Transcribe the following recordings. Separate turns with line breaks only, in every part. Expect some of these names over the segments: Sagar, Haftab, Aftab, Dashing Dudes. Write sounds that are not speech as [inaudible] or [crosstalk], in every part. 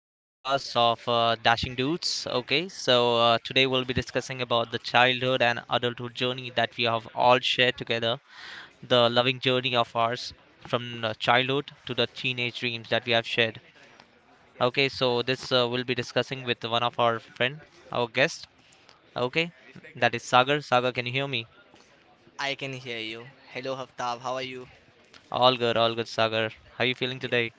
to the podcast of Dashing Dudes. Okay, so today we'll be discussing about the childhood and adulthood journey that we have all shared together, the loving journey of ours from childhood to the teenage dreams that we have shared. Okay, so this we'll be discussing with one of our friend, our guest. Okay, that is Sagar. Sagar, can you hear me?
I can hear you. Hello, Haftab. How are you?
All good, Sagar. How are you feeling
Yeah,
today?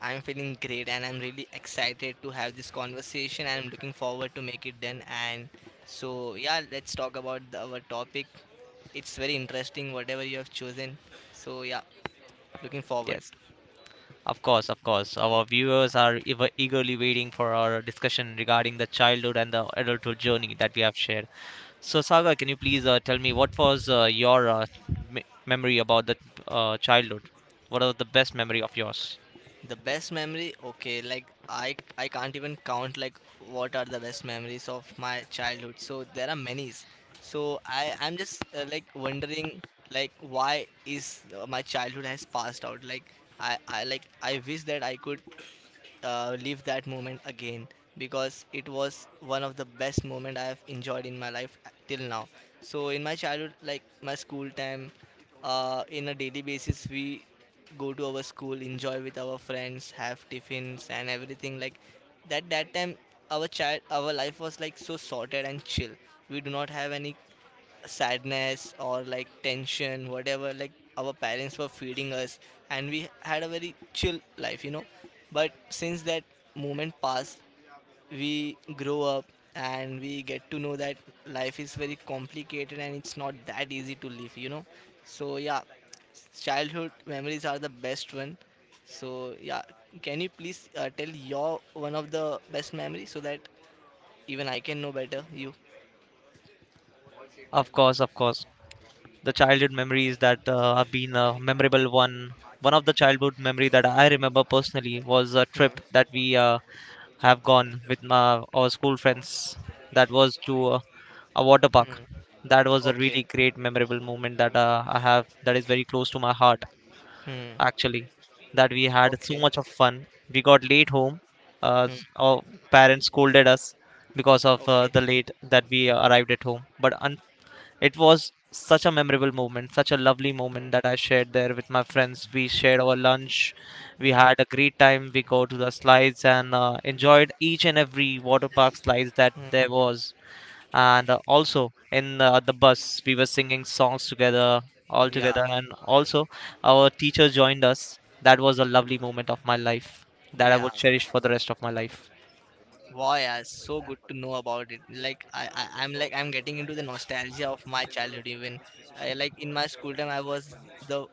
I'm feeling great and I'm really excited to have this conversation and I'm looking forward to make it then. And so, yeah, let's talk about our topic. It's very interesting, whatever you have chosen. So, yeah, looking forward.
Yes. Of course, of course. Our viewers are eagerly waiting for our discussion regarding the childhood and the adulthood journey that we have shared. So, Saga, can you please tell me what was memory about the childhood? What are the best memory of yours?
The best memory, okay, like I can't even count like what are the best memories of my childhood. So there are many. So I'm just like wondering like why is my childhood has passed out. Like I wish that I could live that moment again because it was one of the best moment I have enjoyed in my life till now. So in my childhood, like my school time, in a daily basis we go to our school, enjoy with our friends, have tiffins and everything like that. That time our our life was like so sorted and chill. We do not have any sadness or like tension, whatever, like our parents were feeding us, and we had a very chill life, you know. But since that moment passed, we grow up and we get to know that life is very complicated and it's not that easy to live, you know. So, yeah, childhood memories are the best one. So, yeah, can you please tell your one of the best memory so that even I can know better you?
Of course, of course. The childhood memories that have been a memorable one, one of the childhood memory that I remember personally was a
Hmm.
trip that we have gone with my our school friends that was to a water park.
Hmm.
That was a
Okay.
really great memorable moment that I have, that is very close to my heart
Hmm.
actually. That we had so
Okay.
much of fun, we got late home,
Hmm.
our parents scolded us because of
Okay.
the late that we arrived at home but un. It was such a memorable moment, such a lovely moment
Hmm.
that I shared there with my friends. We shared our lunch, we
Hmm.
had a great time. We go to the slides and enjoyed each and every water park slides that
Hmm.
there was. And also in the bus, we were singing songs together, all
Yeah.
together. And also, our teacher joined us. That was a lovely moment of my life that I
Yeah.
would cherish for the rest of my life.
Boy, yeah, it's so good to know about it. Like I'm like I'm getting into the nostalgia of my childhood. Even I, like in my school time, I was the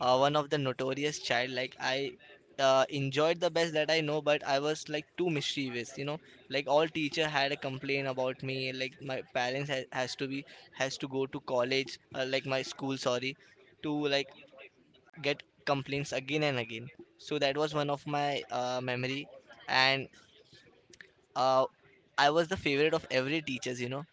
one of the notorious child. Like I enjoyed the best that I know, but I was like too mischievous. You know, like all teacher had a complaint about me. Like my parents has to be has to go to college, like my school. Sorry to like get complaints again and again. So that was one of my memory, and uh, I was the favorite of every teachers. You know,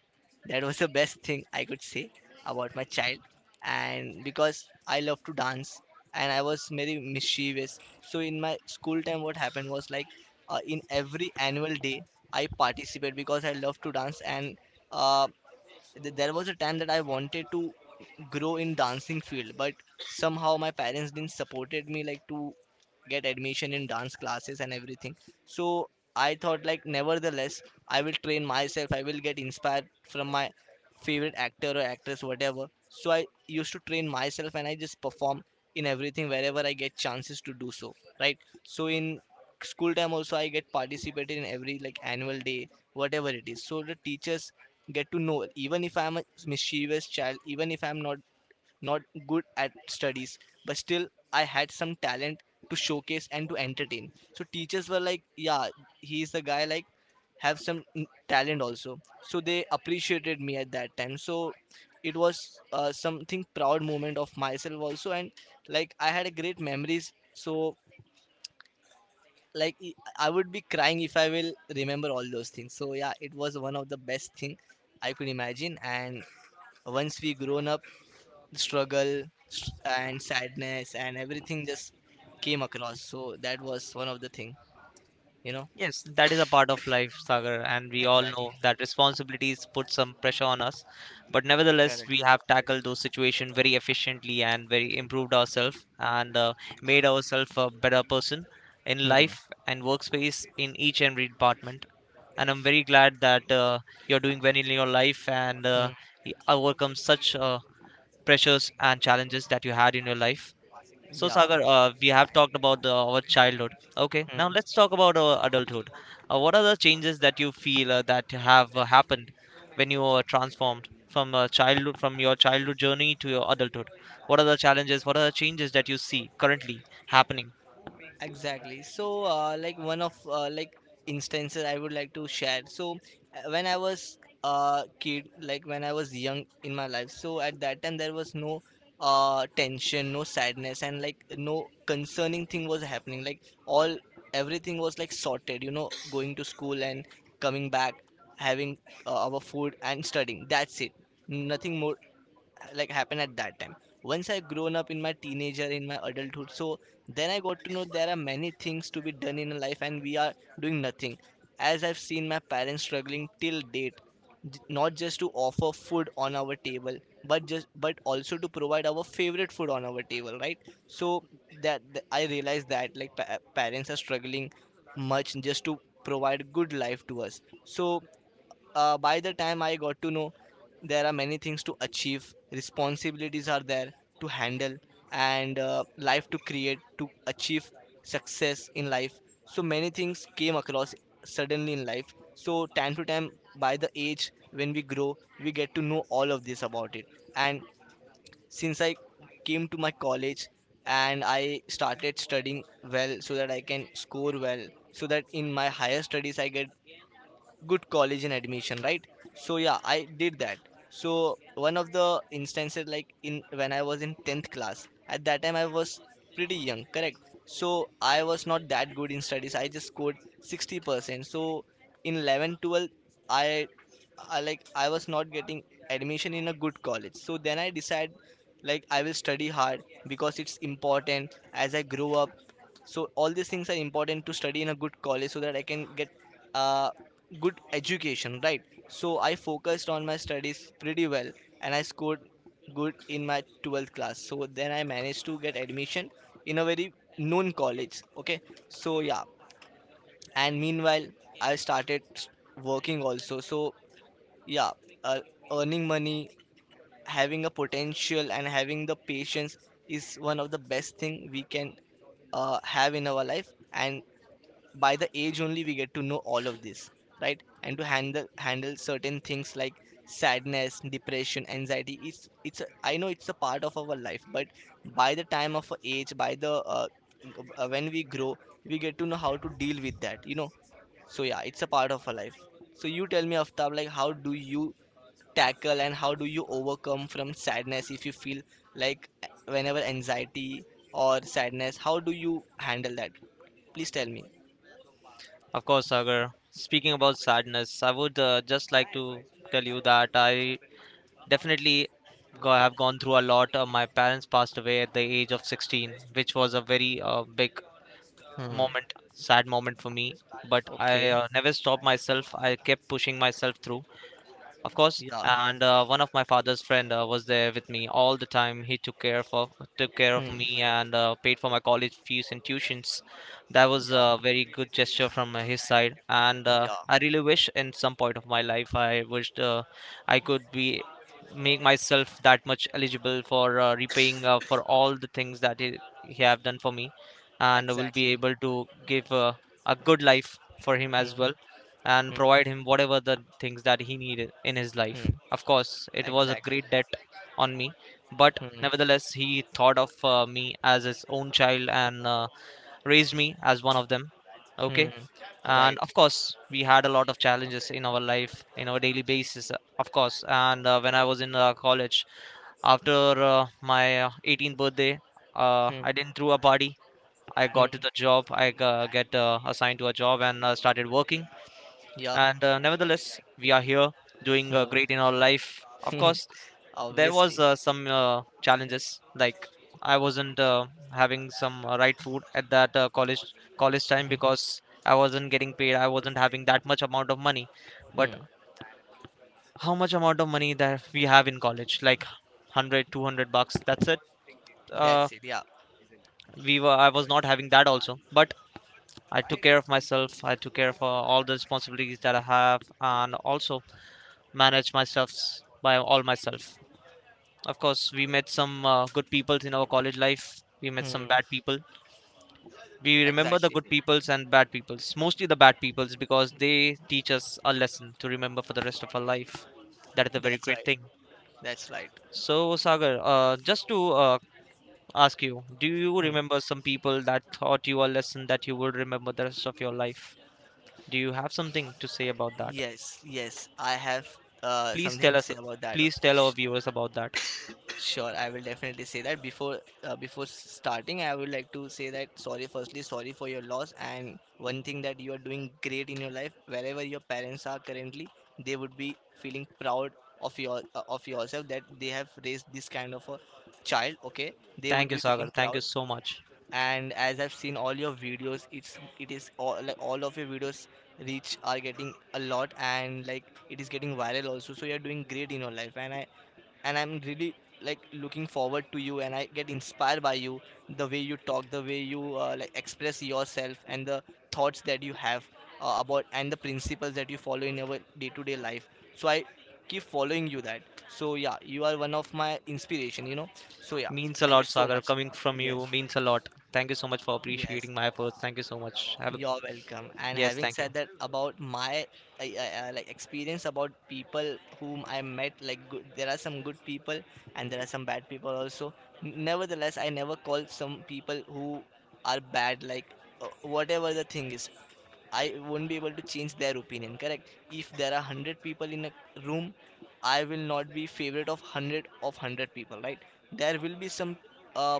that was the best thing I could say about my child, and because I love to dance and I was very mischievous. So in my school time, what happened was like in every annual day I participate because I love to dance and. Uh, there was a time that I wanted to grow in dancing field but somehow my parents didn't supported me like to get admission in dance classes and everything, so I thought like nevertheless I will train myself, I will get inspired from my favorite actor or actress whatever, so I used to train myself and I just perform in everything wherever I get chances to do so, right? So in school time also I get participated in every like annual day whatever it is, so the teachers get to know even if I'm a mischievous child, even if I'm not good at studies, but still I had some talent to showcase and to entertain. So teachers were like, yeah, he is the guy like have some talent also. So they appreciated me at that time. So it was something proud moment of myself also, and like I had a great memories. So like I would be crying if I will remember all those things. So yeah, it was one of the best thing I could imagine. And once we grown up, struggle s- and sadness and everything just came across, so that was one of the thing, you know.
Yes, that is a part of life, Sagar, and we all
Exactly.
know that responsibilities put some pressure on us. But nevertheless,
Correct.
we have tackled those situations very efficiently and very improved ourselves and made ourselves a better person in
Hmm.
life and workspace in each and every department. And I'm very glad that you're doing well in your life and
Hmm.
overcome such pressures and challenges that you had in your life. So
Yeah.
Sagar, we have talked about our childhood. Okay, now
Hmm.
let's talk about our adulthood. What are the changes that you feel that have happened when you were transformed from childhood, from your childhood journey to your adulthood? What are the challenges? What are the changes that you see currently happening?
Exactly. So, like one of like instances I would like to share. So, when I was a kid, like when I was young in my life, so at that time there was no tension, no sadness, and like no concerning thing was happening. Like all everything was like sorted. You know, going to school and coming back, having our food and studying. That's it. Nothing more like happened at that time. Once I grown up in my teenager, in my adulthood, so then I got to know there are many things to be done in life and we are doing nothing, as I've seen my parents struggling till date, not just to offer food on our table but just but also to provide our favorite food on our table, right? So I realized that like parents are struggling much just to provide good life to us. So by the time I got to know, there are many things to achieve, responsibilities are there to handle, and life to create, to achieve success in life. So many things came across suddenly in life. So, time to time, by the age when we grow, we get to know all of this about it. And since I came to my college and I started studying well so that I can score well, so that in my higher studies I get good college and admission, right? So yeah, I did that. So one of the instances like in when I was in 10th class, at that time I was pretty young, correct? So I was not that good in studies, I just scored 60%. So in 11, 12, i i was not getting admission in a good college, so then I decided like I will study hard because it's important, as I grow up, so all these things are important to study in a good college so that I can get a good education, right? So I focused on my studies pretty well and I scored good in my 12th class. So then I managed to get admission in a very known college, okay? So yeah, and meanwhile I started working also. So yeah, uh, earning money, having a potential and having the patience is one of the best thing we can have in our life. And by the age only we get to know all of this, right? And to handle certain things like sadness, depression, anxiety, I know it's a part of our life, but by the time of our age, by the when we grow, we get to know how to deal with that, you know. So yeah, it's a part of our life. So you tell me, Aftab, like how do you tackle and how do you overcome from sadness? If you feel like whenever anxiety or sadness, how do you handle that? Please tell me.
Of course, Sagar. Speaking about sadness, I would just like to tell you that I definitely have gone through a lot. My parents passed away at the age of 16, which was a very big
Hmm.
moment, sad moment for me, but I
Okay.
never stopped myself, I kept pushing myself through, of course.
Yeah.
And one of my father's friend was there with me all the time. He took care of
Hmm.
me and paid for my college fees and tuitions. That was
Yeah.
a very good gesture from his side, and
Yeah.
I really wish in some point of my life I wished I could be make myself that much eligible for repaying for all the things that he have done for me and will
Exactly.
be able to give a good life for him
Hmm.
as well and
Hmm.
provide him whatever the things that he needed in his life.
Hmm.
Of course, it was a
Exactly.
great debt on me, but
Hmm.
nevertheless, he thought of me as his own child and raised me as one of them.
Hmm.
Okay, and
Right.
of course, we had a lot of challenges in our life, in our daily basis, of course. And when I was in college, after my 18th birthday,
Hmm.
I didn't throw a party. I
Hmm.
got to the job. I get assigned to a job and started working,
Yeah.
and nevertheless we are here doing
Hmm.
great in our life, of
Hmm.
course.
[laughs]
There was
Obviously.
some challenges, like I wasn't having some right food at that college time
Hmm.
because I wasn't getting paid, I wasn't having that much amount of money. But
Hmm.
how much amount of money that we have in college, like 100, 200 bucks, that's it. Uh,
That's it. Yeah.
we were I was not having that also, but I took care of myself, I took care of all the responsibilities that I have and also manage my stuffs by all myself. Of course, we met some good peoples in our college life. We met some
Hmm.
bad people. We remember the
Exactly.
good peoples and bad peoples, mostly the bad peoples, because they teach us a lesson to remember for the rest of our life. That is a very
That's
great
right.
thing.
That's right.
So, Sagar, just to ask you, do you
Hmm.
remember some people that taught you a lesson that you would remember the rest of your life? Do you have something to say about that?
Yes. Yes. I have
Please
something
tell
to
us,
say about that.
please
also.
tell our
Sh-
viewers about that.
Sure, I will definitely say that starting, I would like to say that sorry. Firstly, sorry for your loss, and one thing that you are doing great in your life. Wherever your parents are currently, they would be feeling proud of your of yourself, that they have raised this kind of a child. Okay, they would
Thank you,
be
Sagar.
feeling
Thank you
proud.
so much.
And as I've seen all your videos, it is all like, all of your videos reach are getting a lot, and like it is getting viral also. So you are doing great in your life, and I'm really like looking forward to you, and I get inspired by you, the way you talk, the way you like express yourself, and the thoughts that you have about and the principles that you follow in our day-to-day life. So I keep following you, that, so yeah, you are one of my inspiration, you know. So yeah,
Means a
thank you
lot,
so
Sagar.
much.
Coming from you
Yes.
means a lot. Thank you so much for
Yes.
appreciating my efforts. Thank you so much. Have a
You're welcome. And
yes,
having
thank you.
said that about my like experience about people whom I met, like good, there are some good people and there are some bad people also. Nevertheless, I never call some people who are bad. Like whatever the thing is, I won't be able to change their opinion. Correct? If there are hundred people in a room, I will not be favorite of hundred people. Right? There will be some uh,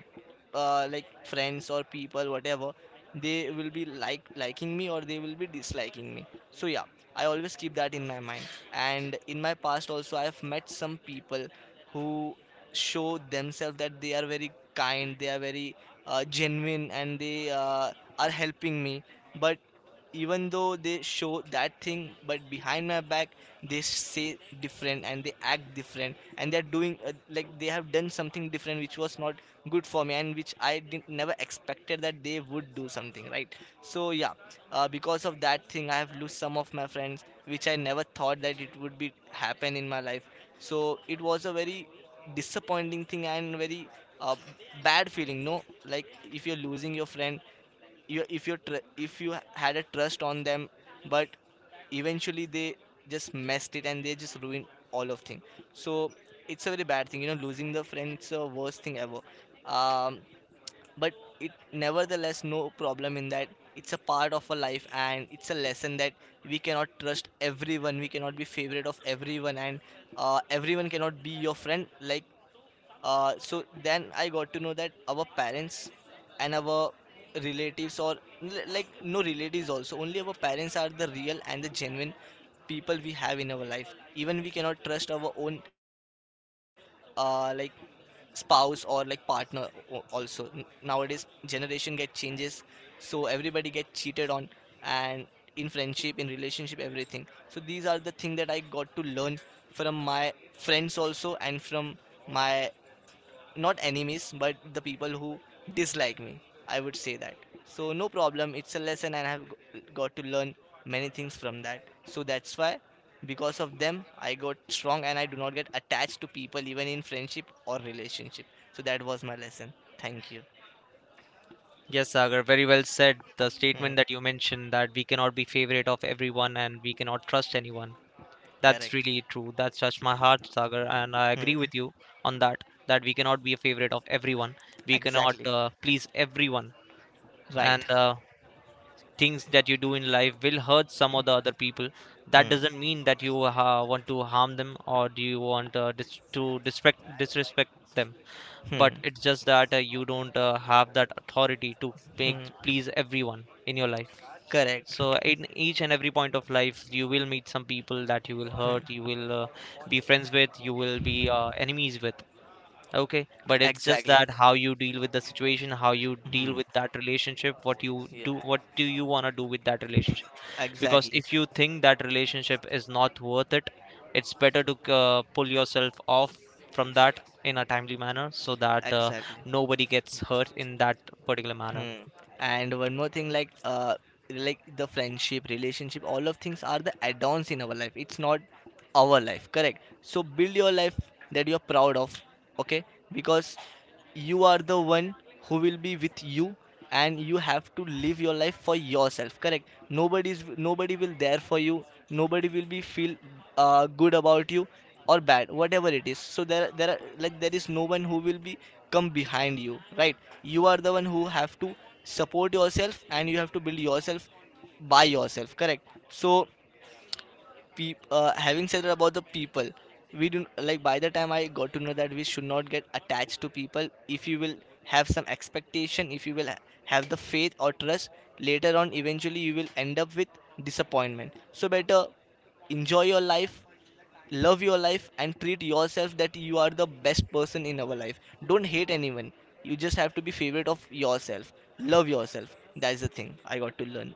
like friends or people, whatever, they will be like liking me or they will be disliking me, so yeah, I always keep that in my mind. And in my past also, I have met some people who show themselves that they are very kind, they are very genuine, and they are helping me, but even though they show that thing, but behind my back they say different and they act different, and they're doing like they have done something different which was not good for me, and which I didn't never expected that they would do something, right? So yeah, because of that thing I have lost some of my friends, which I never thought that it would be happen in my life. So it was a very disappointing thing, and very uh, bad feeling. No, like, if you're losing your friend, you if you tr- if you had a trust on them, but eventually they just messed it and they just ruined all of thing. So it's a very bad thing, losing the friend, it's a worst thing ever. Um, but it nevertheless, no problem in that. It's a part of a life, and it's a lesson that we cannot trust everyone, we cannot be favorite of everyone, and everyone cannot be your friend. So then I got to know that our parents and our relatives, or like no relatives, also only our parents are the real and the genuine people we have in our life. Even we cannot trust our own, like spouse or like partner. Also nowadays generation get changes, so everybody get cheated on, and in friendship, in relationship, everything. So these are the thing that I got to learn from my friends also, and from my not enemies but the people who dislike me, I would say that. So no problem, it's a lesson, and I have got to learn many things from that. So that's why, because of them I got strong, and I do not get attached to people even in friendship or relationship. So that was my lesson, thank you.
Yes, Sagar, very well said. The statement
Hmm.
that you mentioned that we cannot be favorite of everyone and we cannot trust anyone. That's
Correct.
really true. That's touched my heart, Sagar, and I agree
Hmm.
with you on that. That we cannot be a favorite of everyone. We cannot
Exactly.
please everyone. And
Right.
things that you do in life will hurt some of the other people, that
Hmm.
doesn't mean that you want to harm them or do you want dis- to disrespect them, but
Hmm.
it's just that you don't have that authority to make,
Hmm.
please everyone in your life.
Correct.
So in each and every point of life you will meet some people that you will
Hmm.
hurt, you will be friends with, you will be enemies with. Okay, but it's just
Exactly.
that how you deal with the situation, how you deal
Hmm.
with that relationship, what you
Yeah.
do, what do you want to do with that relationship. Because
Exactly.
if you think that relationship is not worth it, it's better to pull yourself off from that in a timely manner so that
Exactly.
nobody gets hurt in that particular manner.
Hmm. And one more thing, like, like the friendship, relationship, all of things are the add-ons in our life. It's not our life, correct? So build your life that you're proud of, okay? Because you are the one who will be with you, and you have to live your life for yourself, correct? Nobody will there for you, nobody will be feel good about you or bad, whatever it is. So there are, like, there is no one who will be come behind you, right? You are the one who have to support yourself, and you have to build yourself by yourself, correct? So peop having said about the people, we do, like, by the time I got to know that we should not get attached to people. If you will have some expectation, if you will have the faith or trust, later on eventually you will end up with disappointment. So better enjoy your life, love your life, and treat yourself that you are the best person in our life. Don't hate anyone, you just have to be favorite of yourself, love yourself. That's the thing I got to learn.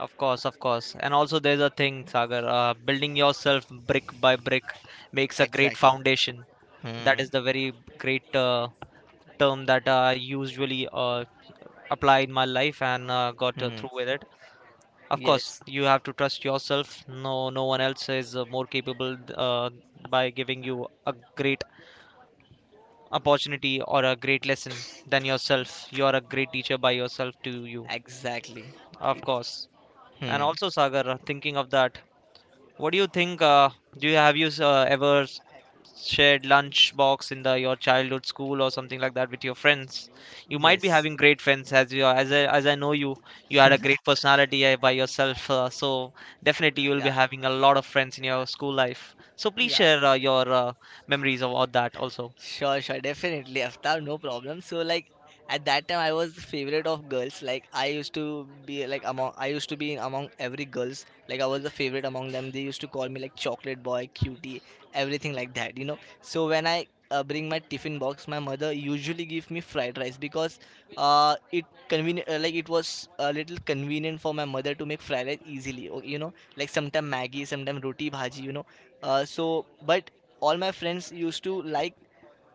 Of course, of course, and also there's a thing Sagar, building yourself brick by brick makes a great
Exactly.
foundation.
Hmm.
That is the very great term that I usually apply in my life and got
Hmm.
through with it. Of course,
Yes.
you have to trust yourself. No, no one else is more capable by giving you a great opportunity or a great lesson than yourself. You are a great teacher by yourself to you,
Exactly.
of
It.
course. And
Hmm.
also, Sagar, thinking of that, what do you think? Do you have you shared lunch box in the your childhood school or something like that with your friends? You might be
Yes.
having great friends as you are, as I know you. You had a great personality by yourself, so definitely you will
Yeah.
be having a lot of friends in your school life. So please
Yeah.
share your memories about that also.
Sure, sure, definitely, Aftab, no problem. So, like, at that time I was the favorite of girls. Like, I used to be like among I used to be among every girls. Like, I was the favorite among them. They used to call me like chocolate boy, cutie, everything like that, you know. So when I bring my tiffin box, my mother usually give me fried rice because it convenient like it was a little convenient for my mother to make fried rice easily. You know, like sometimes Maggie, sometimes roti bhaji. So but all my friends used to like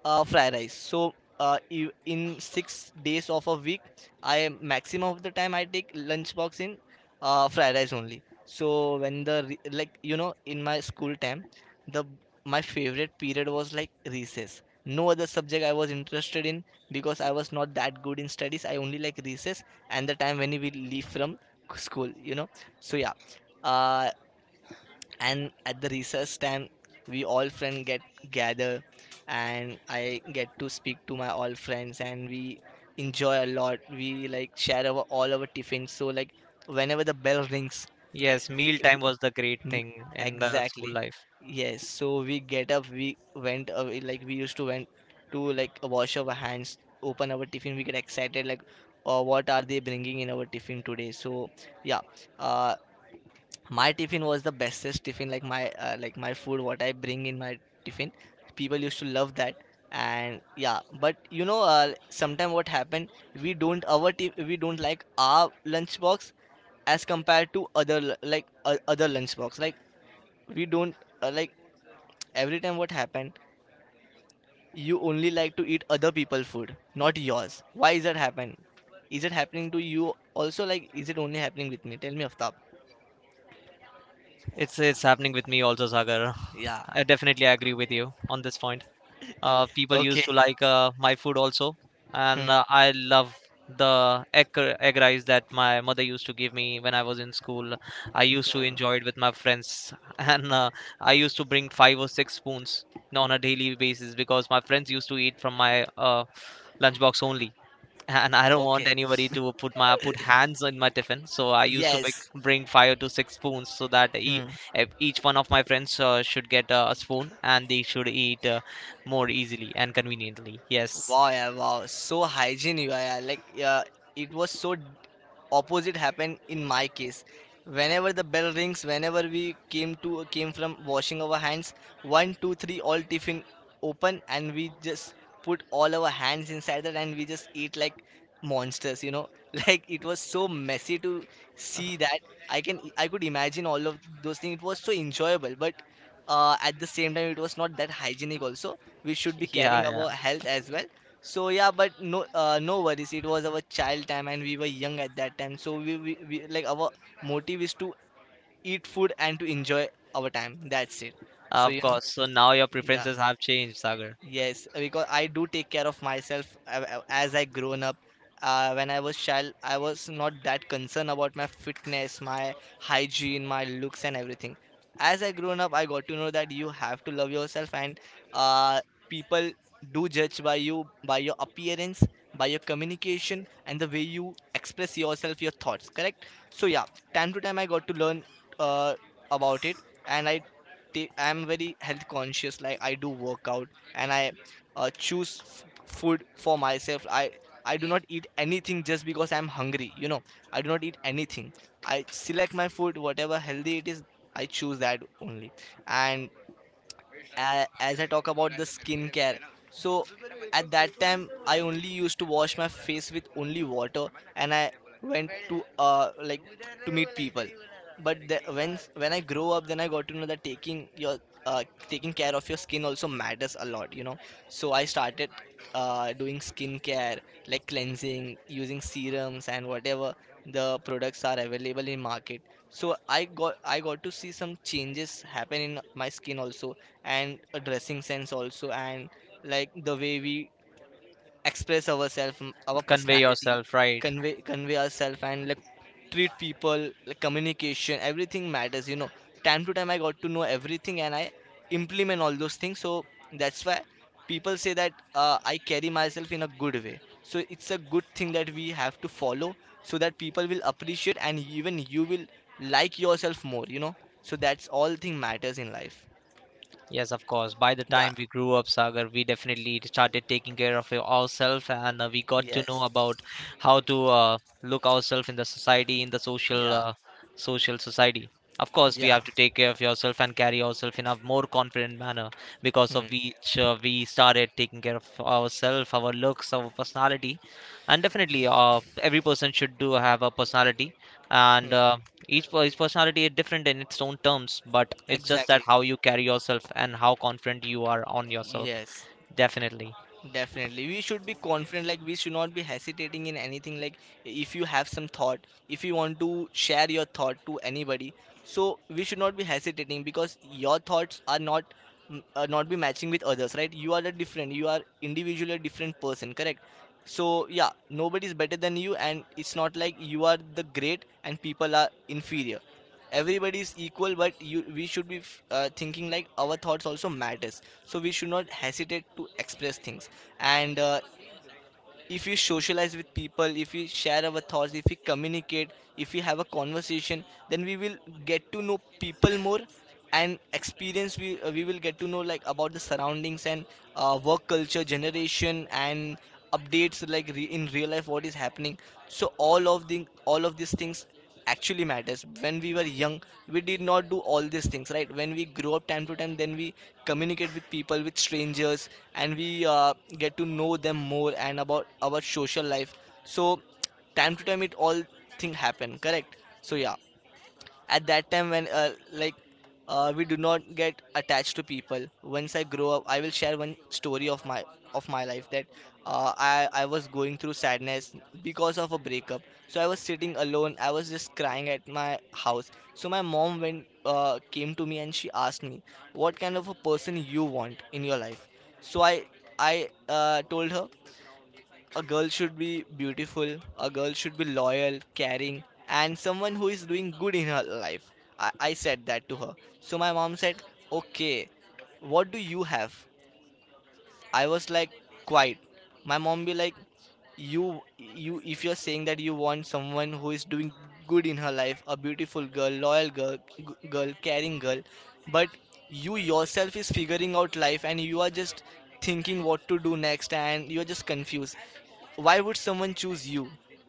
fry rice. So in 6 days of a week, I maximum of the time I take lunchbox in fried rice only. So when the like in my school time, the my favorite period was like recess. No other subject I was interested in, because I was not that good in studies. I only like recess and the time when we leave from school. So yeah. Uh, and at the recess time we all friends get gather, and I get to speak to my all friends, and we enjoy a lot, we like share our all our tiffins. So like whenever the bell rings,
Yes,
we,
meal time
we
was the great
mm,
thing in the school
exactly,
life.
yes, so we get up, we went away, like we used to went to like wash our hands, open our tiffin, we get excited like what are they bringing in our tiffin today. So yeah, uh, my tiffin was the bestest tiffin, like my food what I bring in my tiffin people used to love that. And yeah, but sometime what happened, we don't like our lunchbox as compared to other lunchbox, like we don't, like every time what happened you only like to eat other people food not yours. Why is that happen? Is it happening to you also, like is it only happening with me? Tell me, Aftab.
It's happening with me also, Sagar. [laughs]
Yeah.
I definitely agree with you on this point. People
Okay.
used to like my food also, and
Hmm.
I love the egg rice that my mother used to give me when I was in school. I used to enjoy it with my friends [laughs] and I used to bring five or six spoons on a daily basis because my friends used to eat from my lunchbox only, and I don't want
Okay.
anybody to put hands in my tiffin. So I used to make,
Yes.
bring five to six spoons so that
Hmm.
each one of my friends should get a spoon and they should eat more easily and conveniently. Yes,
Wow, yeah, wow. So hygiene you are. Yeah. Like, yeah, it was so opposite happened in my case. Whenever the bell rings, whenever we came from washing our hands, one, two, three, all tiffin open, and we just put all our hands inside that, and we just eat like monsters. [laughs] Like it was so messy to see that. I could imagine all of those things. It was so enjoyable, but at the same time, it was not that hygienic. Also, we should be carrying
yeah, yeah,
our health as well. So yeah, but no, no worries. It was our child time, and we were young at that time. So we like our motive is to eat food and to enjoy our time. That's it. So
of
you know,
course. So now your
yeah.
preferences have changed, Sagar.
Yes, because I do take care of myself as I grown up. When I was child, I was not that concerned about my fitness, my hygiene, my looks, and everything. As I grown up, I got to know that you have to love yourself, and uh, people do judge by you, by your appearance, by your communication, and the way you express yourself, your thoughts. Correct? So yeah, time to time I got to learn uh, about it, and I am very health conscious. Like, I do workout and I choose food for myself. I do not eat anything just because I'm hungry. I do not eat anything. I select my food, whatever healthy it is. I choose that only, and as I talk about the skincare. So at that time, I only used to wash my face with only water, and I went to like to meet people. But when I grow up, then I got to know that uh, taking care of your skin also matters a lot. So I started doing skincare, like cleansing, using serums and whatever the products are available in market. So I got to see some changes happen in my skin also, and the dressing sense also, and like the way we express ourselves, our
Convey
personality,
yourself, right?
convey ourselves, and like treat people, like communication everything matters. Time to time I got to know everything, and I implement all those things. So that's why people say that I carry myself in a good way. So it's a good thing that we have to follow, so that people will appreciate, and even you will like yourself more. So that's all thing matters in life.
Yes, of course. By the
Yeah.
time we grew up, Sagar, we definitely started taking care of ourselves and we got to know
Yes.
about how to look ourselves in the society, in the
Yeah,
social society. Of course, we
yeah.
have to take care of yourself and carry ourselves in a more confident manner, because of
Hmm,
which we started taking care of ourselves, our looks, our personality. And definitely, every person should do have a personality, and
hmm.
each personality is different in its own terms, but it's just that
Exactly.
how you carry yourself and how confident you are on yourself.
Yes.
Definitely.
Definitely. We should be confident, like we should not be hesitating in anything. Like if you have some thought, if you want to share your thought to anybody, so we should not be hesitating because your thoughts are not be matching with others, right? You are individually a different person, correct? So yeah, nobody is better than you, and it's not like you are the great and people are inferior. Everybody is equal, but you we should be thinking like our thoughts also matters. So we should not hesitate to express things, and if we socialize with people, if we share our thoughts, if we communicate, if we have a conversation, then we will get to know people more and experience. We will get to know, like, about the surroundings and work culture, generation, and updates, like in real life what is happening. So all of these things actually matters. When we were young, we did not do all these things, right? When we grow up, time to time, then we communicate with people, with strangers, and we get to know them more and about our social life. So time to time it all thing happen, correct? So yeah, at that time, when like we do not get attached to people. Once I grow up, I will share one story of my life, that I was going through sadness because of a breakup. So I was sitting alone, I was just crying at my house. So my mom went came to me and she asked me, what kind of a person you want in your life? So I told her, a girl should be beautiful, a girl should be loyal, caring, and someone who is doing good in her life. I said that to her. So my mom said, okay, what do you have? I was like, quiet. My mom be like, you, if you're saying that you want someone who is doing good in her life, a beautiful girl, loyal girl, girl, caring girl, but you yourself is figuring out life and you are just thinking what to do next, and you're just confused, why would someone choose you,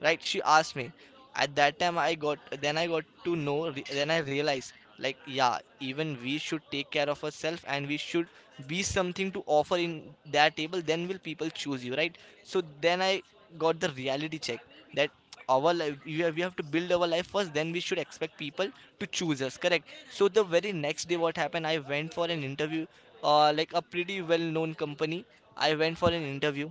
right? She asked me. At that time, I got then I got to know, then I realized, like, yeah, even we should take care of ourselves, and we should be something to offer in that table, then will people choose you, right? So then I got the reality check, that our life we have to build our life first, then we should expect people to choose us, correct? So the very next day, what happened, I went for an interview, like a pretty well known company. I went for an interview.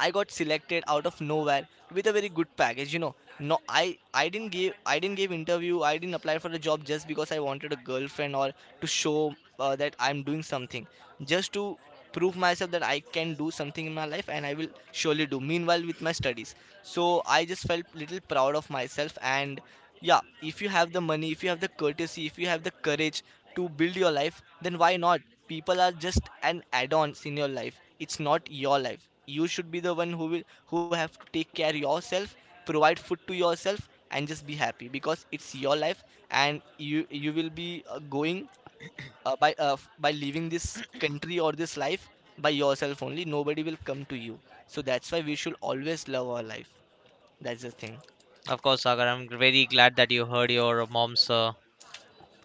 I got selected out of nowhere with a very good package. No, I didn't give interview. I didn't apply for a job just because I wanted a girlfriend, or to show that I'm doing something, just to prove myself that I can do something in my life, and I will surely do. Meanwhile, with my studies, so I just felt little proud of myself. And yeah, if you have the money, if you have the courtesy, if you have the courage to build your life, then why not? People are just an add-ons in your life, it's not your life. You should be the one who have to take care yourself, provide food to yourself, and just be happy because it's your life, and you will be going by leaving this country or this life by yourself only, nobody will come to you. So that's why we should always love our life. That's the thing.
Of course, Sagar, I'm very glad that you heard your mom's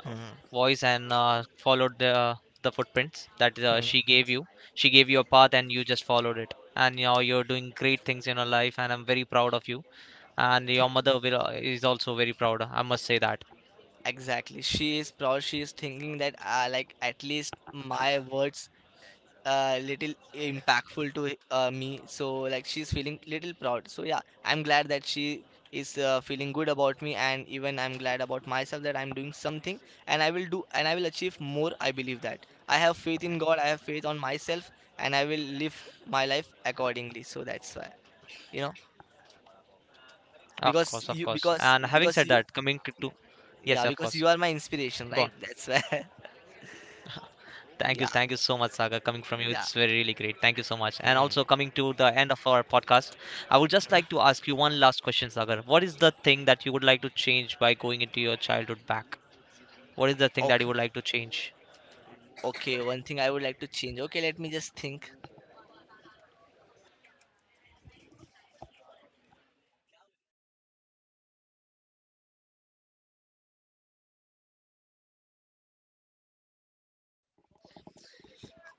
Hmm.
voice and followed the footprints that
Hmm.
she gave you. She gave you a path and you just followed it. And now you're doing great things in your life, and I'm very proud of you. And your mother is also very proud. I must say that.
Exactly. She is proud. She is thinking that, like, at least my words little impactful to me. So like she's feeling little proud. So yeah, I'm glad that she is feeling good about me, and even I'm glad about myself that I'm doing something, and I will do, and I will achieve more. I believe that I have faith in God. I have faith on myself, and I will live my life accordingly. So that's why you know
Of course, of course. And having said that, coming to
because you
yes, of course.
yeah,
Go on.
because you are my inspiration, right? That's why. [laughs]
Thank you so much, Saga. Coming
Yeah,
from you, it's very really great. Thank you so
yeah.
much. And also coming to the
Hmm.
end of our podcast, I would just like to ask you one last question, Sagar. What is the thing that you would like to change by going into your childhood back? What is the thing that you would
Okay,
like to change?
okay. One thing I would like to change. Okay, let me just think.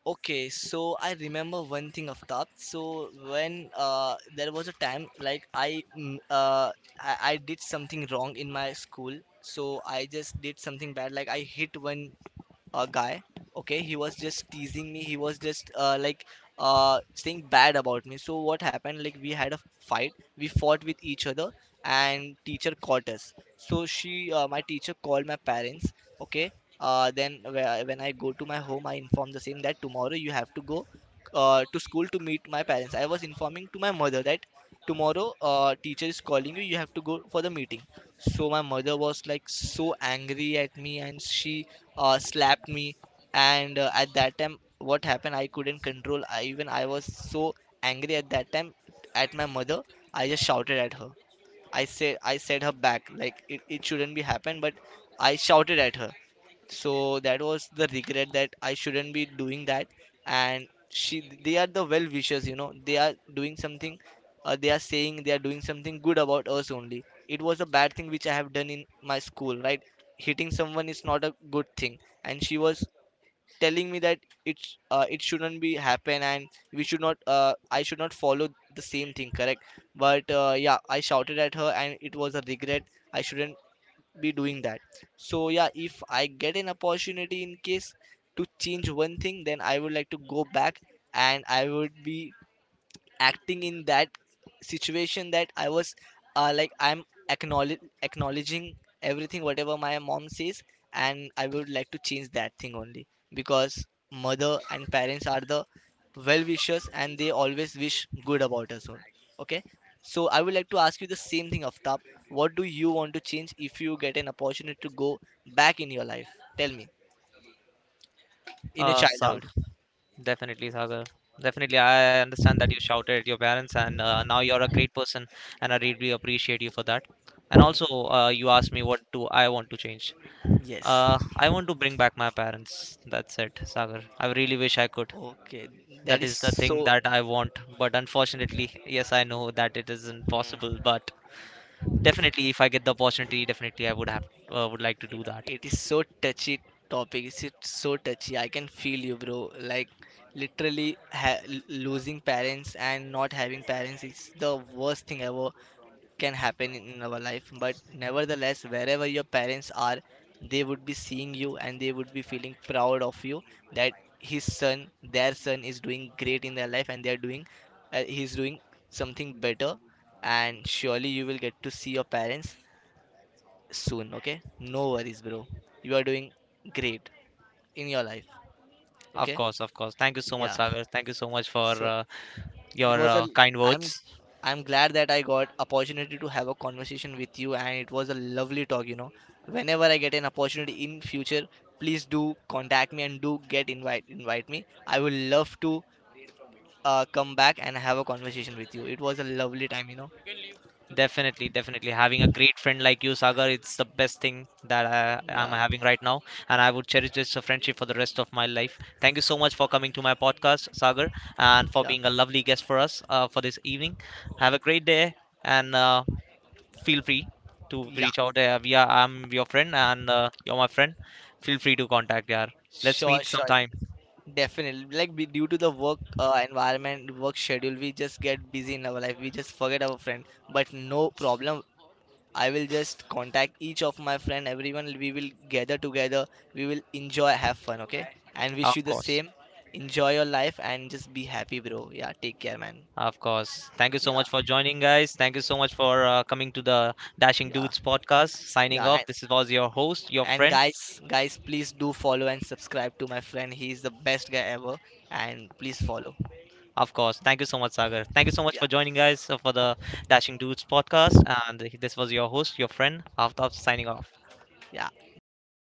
Okay, so I remember one thing, Aftab. So when there was a time, like, I did something wrong in my school. So I just did something bad. Like I hit one a guy. Okay, he was just teasing me, he was just like saying bad about me. So what happened, like, we had a fight, we fought with each other, and teacher caught us. So she my teacher called my parents. Okay. Then when I go to my home, I inform the same that tomorrow you have to go to school to meet my parents. I was informing to my mother that tomorrow teacher is calling you, you have to go for the meeting. So my mother was like so angry at me, and she slapped me. And at that time, what happened, I couldn't control. Even I was so angry at that time at my mother, I just shouted at her. I said her back, like, it shouldn't be happened, but I shouted at her. So that was the regret, that I shouldn't be doing that. And she they are the well wishers, you know, they are doing something, they are doing something good about us only. It was a bad thing which I have done in my school, right? Hitting someone is not a good thing. And she was telling me that it shouldn't be happen, and we should not I should not follow the same thing, correct? But yeah, I shouted at her, and it was a regret. I shouldn't be doing that. So yeah, if I get an opportunity, in case, to change one thing, then I would like to go back, and I would be acting in that situation, that I was like I'm acknowledge acknowledging everything whatever my mom says, and I would like to change that thing only, because mother and parents are the well wishers, and they always wish good about us all. Okay. So I would like to ask you the same thing, Aftab, what do you want to change if you get an opportunity to go back in your life. Tell me, in your
Sa
childhood.
definitely, Sagar. Definitely, I understand that you shouted at your parents, and now you're a great person, and I really appreciate you for that. And also,
[laughs]
you asked me what do I want to change.
Mm, yes.
I want to bring back my parents. That's it, Sagar. I really wish I could.
Okay, that
That
is
is the thing
so.
that I want. But unfortunately, yes, I know that it isn't possible.
Mm.
But definitely, if I get the opportunity, definitely I would have would like to do that.
It is so touchy topic. It's it so touchy. I can feel you, bro. Like literally losing parents and not having parents is the worst thing ever can happen in our life. But nevertheless, wherever your parents are, they would be seeing you, and they would be feeling proud of you, that his son, their son, is doing great in their life, and he's doing something better. And surely you will get to see your parents soon, okay? No worries, bro. You are doing great in your life,
Of
okay?
course, of course. Thank you so much,
Yeah.
Sagar. Thank you so much for
So it
your
was a
kind
I'm
words.
I'm glad that I got opportunity to have a conversation with you, and it was a lovely talk, you know. Whenever I get an opportunity in future, please do contact me, and do get invite me. I will love to come back and have a conversation with you. It was a lovely time.
Definitely, definitely. Having a great friend like you, Sagar, it's the best thing that I'm
Yeah.
having right now. And I would cherish this friendship for the rest of my life. Thank you so much for coming to my podcast, Sagar, and for
Yeah.
being a lovely guest for us for this evening. Have a great day and feel free to
Yeah.
reach out. I'm your friend and you're my friend. Feel free to contact, yeah. Let's
Sure,
meet
sure.
sometime,
Definitely, like due to the work environment, work schedule, we just get busy in our life. We just forget our friend, but no problem. I will just contact each of my friend. Everyone, we will gather together. We will enjoy, have fun, okay? And wish you
of
the
course.
same. Enjoy your life and just be happy, bro. Yeah, take care, man.
Of course. Thank you so
Yeah,
much for joining, guys. Thank you so much for coming to the Dashing
yeah,
Dudes podcast. Signing
yeah. And,
off. This was your host, your
and
friend.
guys, please do follow and subscribe to my friend. He is the best guy ever, and please follow.
Of course. Thank you so much, Sagar. Thank you so much for
Yeah,
joining, guys, for the Dashing Dudes podcast. And this was your host, your friend, Aftab, signing off.
yeah. Dashing dude.